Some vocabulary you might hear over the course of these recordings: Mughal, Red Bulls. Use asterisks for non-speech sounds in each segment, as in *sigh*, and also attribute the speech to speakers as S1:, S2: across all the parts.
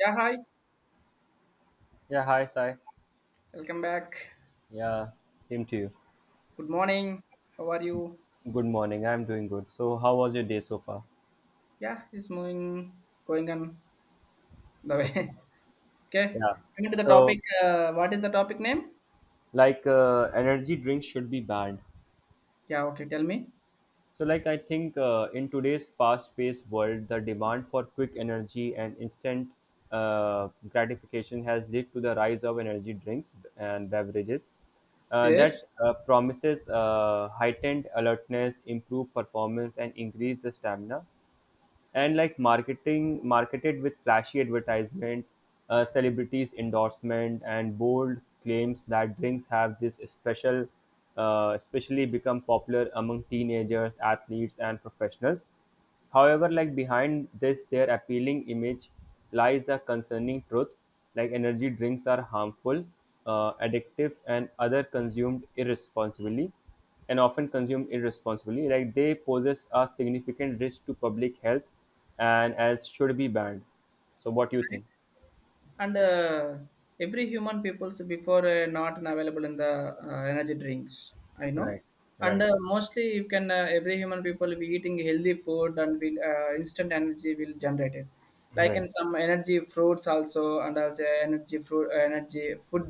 S1: Yeah, hi.
S2: Yeah, hi, Sai.
S1: Welcome back.
S2: Yeah, same to you.
S1: Good morning. How are you?
S2: Good morning. I'm doing good. So, how was your day so far?
S1: Yeah, it's moving, going on the way.
S2: Okay.
S1: *laughs* okay.
S2: Yeah.
S1: Coming to the
S2: So,
S1: topic. What is the topic name?
S2: energy drinks should be banned.
S1: Yeah, okay. Tell me.
S2: So, I think in today's fast-paced world, the demand for quick energy and instant gratification has led to the rise of energy drinks and beverages, uh,
S1: Yes.
S2: that uh, promises heightened alertness, improved performance, and increase the stamina, and like marketing marketed with flashy advertisement, celebrities endorsement and bold claims that drinks have this special, especially become popular among teenagers, athletes and professionals. However, like behind this their appealing image lies a concerning truth, like energy drinks are harmful, addictive and other consumed irresponsibly and often consumed irresponsibly. Like they poses a significant risk to public health, and as should be banned. So, what do you think?
S1: and every human people's before not available in the energy drinks I know.
S2: Right,
S1: And
S2: right,
S1: mostly you can every human people will be eating healthy food and will instant energy will generate it, like
S2: right.
S1: in some energy fruits also, and also energy fruit energy food.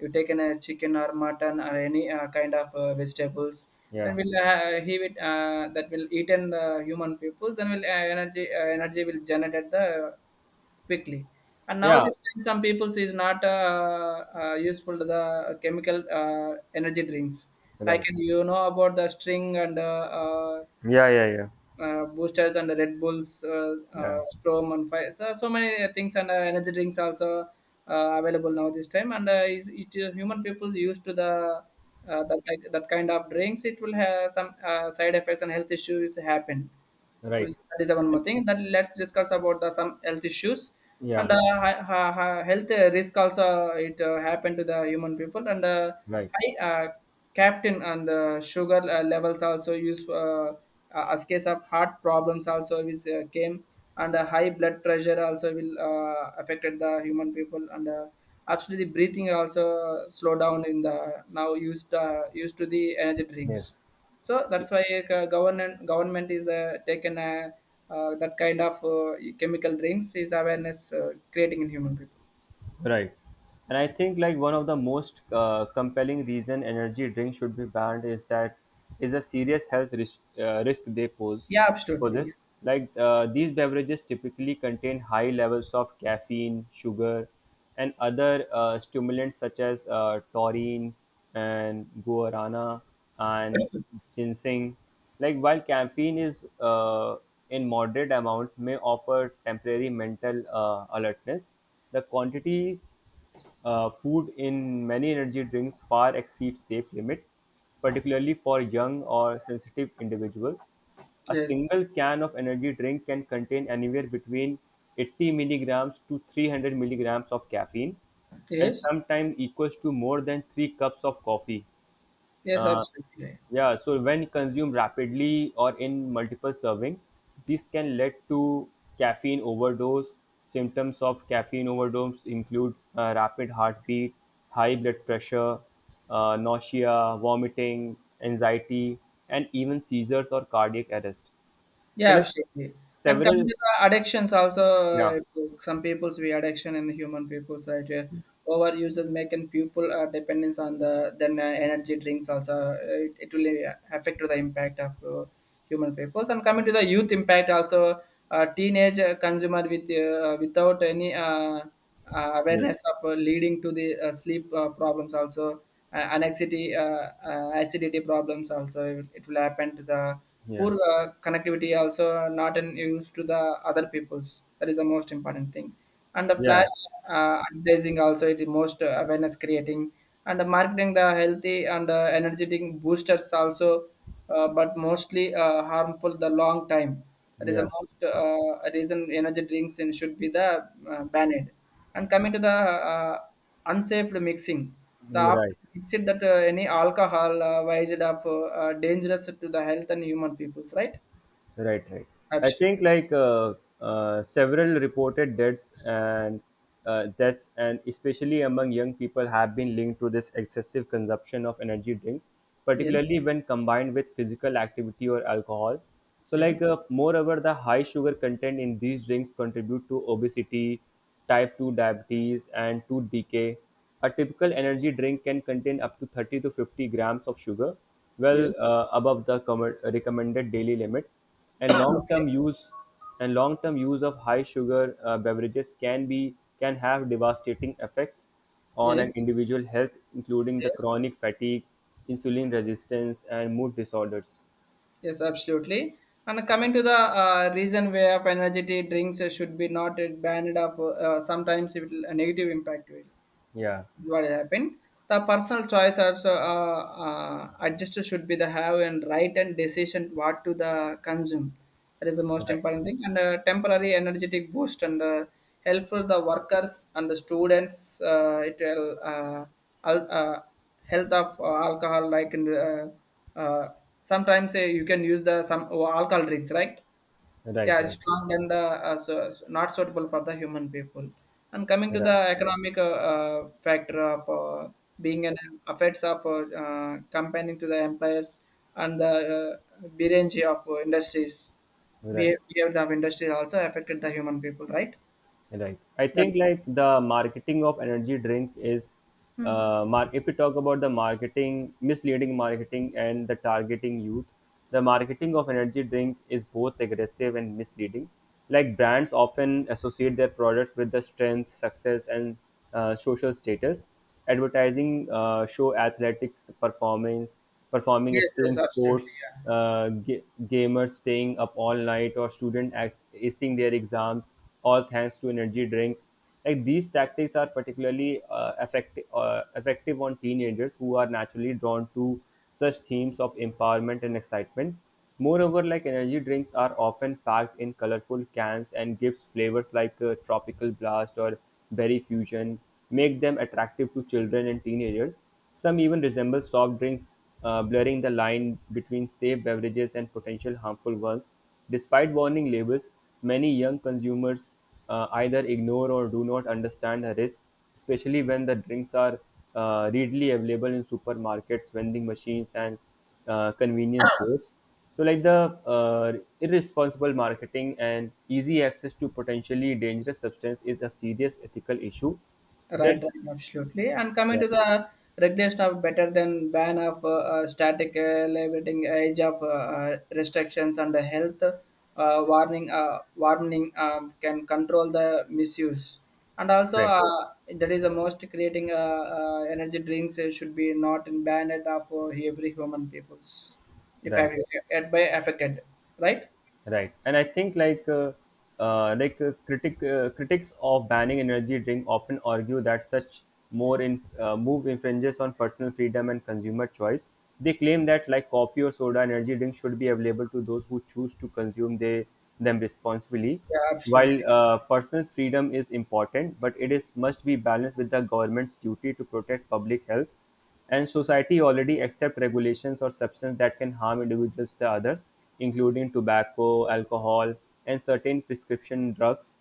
S1: You take in a chicken or mutton or any kind of vegetables, that
S2: Yeah,
S1: will he will that will eat in the human peoples, then will energy will generate the quickly. And now
S2: yeah,
S1: this time some people says not useful to the chemical energy drinks. Like,
S2: right.
S1: and you know about the string and
S2: Yeah, yeah, yeah,
S1: boosters and the Red Bulls,
S2: yeah.
S1: Strom and fire. So, so many things, and energy drinks also available now this time. And is it human people used to the that kind of drinks? It will have some side effects and health issues happen. Well,
S2: Right.
S1: that is one more thing. Then let's discuss about the some health issues
S2: Yeah,
S1: and health risk also it happened to the human people. And
S2: right.
S1: high caffeine and sugar levels also used as case of heart problems also is came, and high blood pressure also will affected the human people, and absolutely breathing also slow down in the now used used to the energy drinks.
S2: Yes.
S1: So that's why government is taken that kind of chemical drinks is awareness creating in human people.
S2: Right. And I think like one of the most compelling reason energy drinks should be banned is that is a serious health risk they pose
S1: Yeah,
S2: for
S1: absolutely.
S2: this. Like these beverages typically contain high levels of caffeine, sugar, and other stimulants such as taurine and guarana and ginseng. Like while caffeine is in moderate amounts may offer temporary mental alertness, the quantities food in many energy drinks far exceeds safe limit, particularly for young or sensitive individuals. A
S1: Yes,
S2: single can of energy drink can contain anywhere between 80 milligrams to 300 milligrams of caffeine, and
S1: yes,
S2: sometimes equals to more than three cups of coffee.
S1: yes,
S2: Uh,
S1: absolutely.
S2: yeah, so when consumed rapidly or in multiple servings, this can lead to caffeine overdose. Symptoms of caffeine overdose include rapid heartbeat, high blood pressure, nausea, vomiting, anxiety, and even seizures or cardiac arrest. So,
S1: Yeah,
S2: like
S1: absolutely. And coming
S2: several,
S1: to the addictions
S2: yeah,
S1: also, some people's we addiction in the human people side. Over users making people dependence on the then energy drinks also. It will affect to the impact of human peoples. And coming to the youth impact also, teenage consumer with without any.
S2: yes,
S1: Awareness of leading to the sleep problems also, anxiety, acidity problems also it will happen to the
S2: yeah,
S1: poor connectivity also, not in use to the other peoples. That is the most important thing, and the
S2: yeah,
S1: flash advertising also it is most awareness creating, and the marketing the healthy and energetic boosters also, but mostly harmful the long time. That is the
S2: yeah.
S1: most uh, reason energy drinks and should be the banned. And coming to the unsafe mixing, the
S2: Mm,
S1: after
S2: right.
S1: mixed that any alcohol wise it up dangerous to the health and human peoples, right?
S2: Right, right. I
S1: Absolutely.
S2: think like several reported deaths, and especially among young people, have been linked to this excessive consumption of energy drinks,
S1: Yes.
S2: particularly when combined with physical activity or alcohol. So,
S1: Yes.
S2: moreover, the high sugar content in these drinks contribute to obesity, type 2 diabetes, and tooth decay. A typical energy drink can contain up to 30 to 50 grams of sugar, well
S1: Yes.
S2: uh, above the recommended daily limit, and
S1: Okay.
S2: long-term use and long-term use of high sugar beverages can have devastating effects on an
S1: Yes.
S2: individual health, including the
S1: Yes.
S2: chronic fatigue, insulin resistance and mood disorders.
S1: Yes. Absolutely. And coming to the reason where of energy drinks should be not banned of sometimes it will a negative impact will.
S2: Yeah,
S1: What happened, the personal choice also, adjuster should be the have and right and decision what to the consume. That is the most
S2: right,
S1: important thing, and temporary energetic boost and helpful the workers and the students, it will al- uh, health of alcohol like, and uh, sometimes you can use the some alcohol drinks, right?
S2: right,
S1: Yeah, it's
S2: right,
S1: strong, and so, so not suitable for the human people. And coming to
S2: right,
S1: the economic factor of being an effects of comparing to the employers and the range of industries,
S2: right.
S1: behavior of industries also affected the human people, right?
S2: Right. I
S1: That.
S2: think like the marketing of energy drink is,
S1: Hmm.
S2: if we talk about the marketing, misleading marketing and the targeting youth, the marketing of energy drink is both aggressive and misleading. Like brands often associate their products with the strength, success, and social status. Advertising show athletics performing
S1: Yes,
S2: extreme
S1: yes, absolutely.
S2: sports,
S1: Yeah.
S2: gamers staying up all night, or student acing their exams, all thanks to energy drinks. Like these tactics are particularly uh, effective on teenagers who are naturally drawn to such themes of empowerment and excitement. Moreover, like energy drinks are often packed in colorful cans and gives flavors like tropical blast or berry fusion, make them attractive to children and teenagers. Some even resemble soft drinks, blurring the line between safe beverages and potential harmful ones. Despite warning labels, many young consumers either ignore or do not understand the risk, especially when the drinks are readily available in supermarkets, vending machines, and convenience stores. So, like the irresponsible marketing and easy access to potentially dangerous substance is a serious ethical issue.
S1: Right,
S2: Just
S1: right, absolutely. And coming
S2: yeah,
S1: to the regular stuff, better than ban of static labeling, age of restrictions and the health warning can control the misuse. And also,
S2: right,
S1: that is the most creating energy drinks should be not in banned of every human peoples, if
S2: right.
S1: I- by affected, right?
S2: Right, and I think like critics of banning energy drink often argue that such more in move infringes on personal freedom and consumer choice. They claim that like coffee or soda, energy drink should be available to those who choose to consume they them responsibly.
S1: Yeah, absolutely.
S2: While personal freedom is important, but it is must be balanced with the government's duty to protect public health, and society already accept regulations or substances that can harm individuals to others, including tobacco, alcohol, and certain prescription drugs.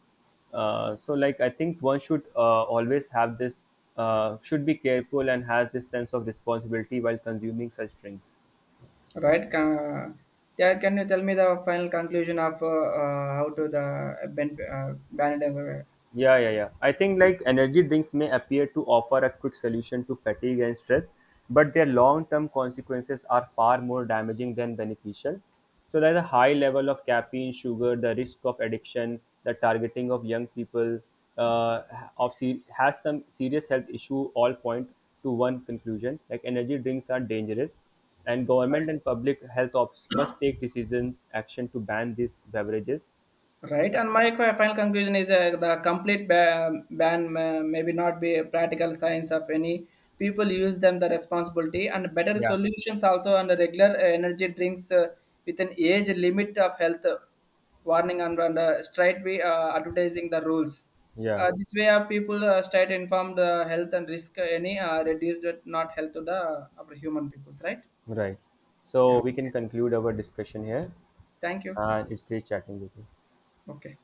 S2: So, like I think one should always have this, should be careful and has this sense of responsibility while consuming such drinks.
S1: Right? Yeah, can you tell me the final conclusion of how to the ban it.
S2: Yeah, yeah, yeah. I think like energy drinks may appear to offer a quick solution to fatigue and stress, but their long-term consequences are far more damaging than beneficial. So like the high level of caffeine, sugar, the risk of addiction, the targeting of young people, uh, has some serious health issue. All point to one conclusion: like energy drinks are dangerous, and government and public health office must take decisions action to ban these beverages.
S1: Right, and my final conclusion is the complete ban maybe not be a practical science of any people use them the responsibility and better
S2: Yeah,
S1: solutions also, and the regular energy drinks with an age limit of health warning, and straight way advertising the rules.
S2: yeah.
S1: This way, people straight informed health and risk any reduced not health to the our human peoples, right?
S2: Right.
S1: Yeah.
S2: So we can conclude our discussion here,
S1: Thank you.
S2: and it's great chatting with you.
S1: Okay.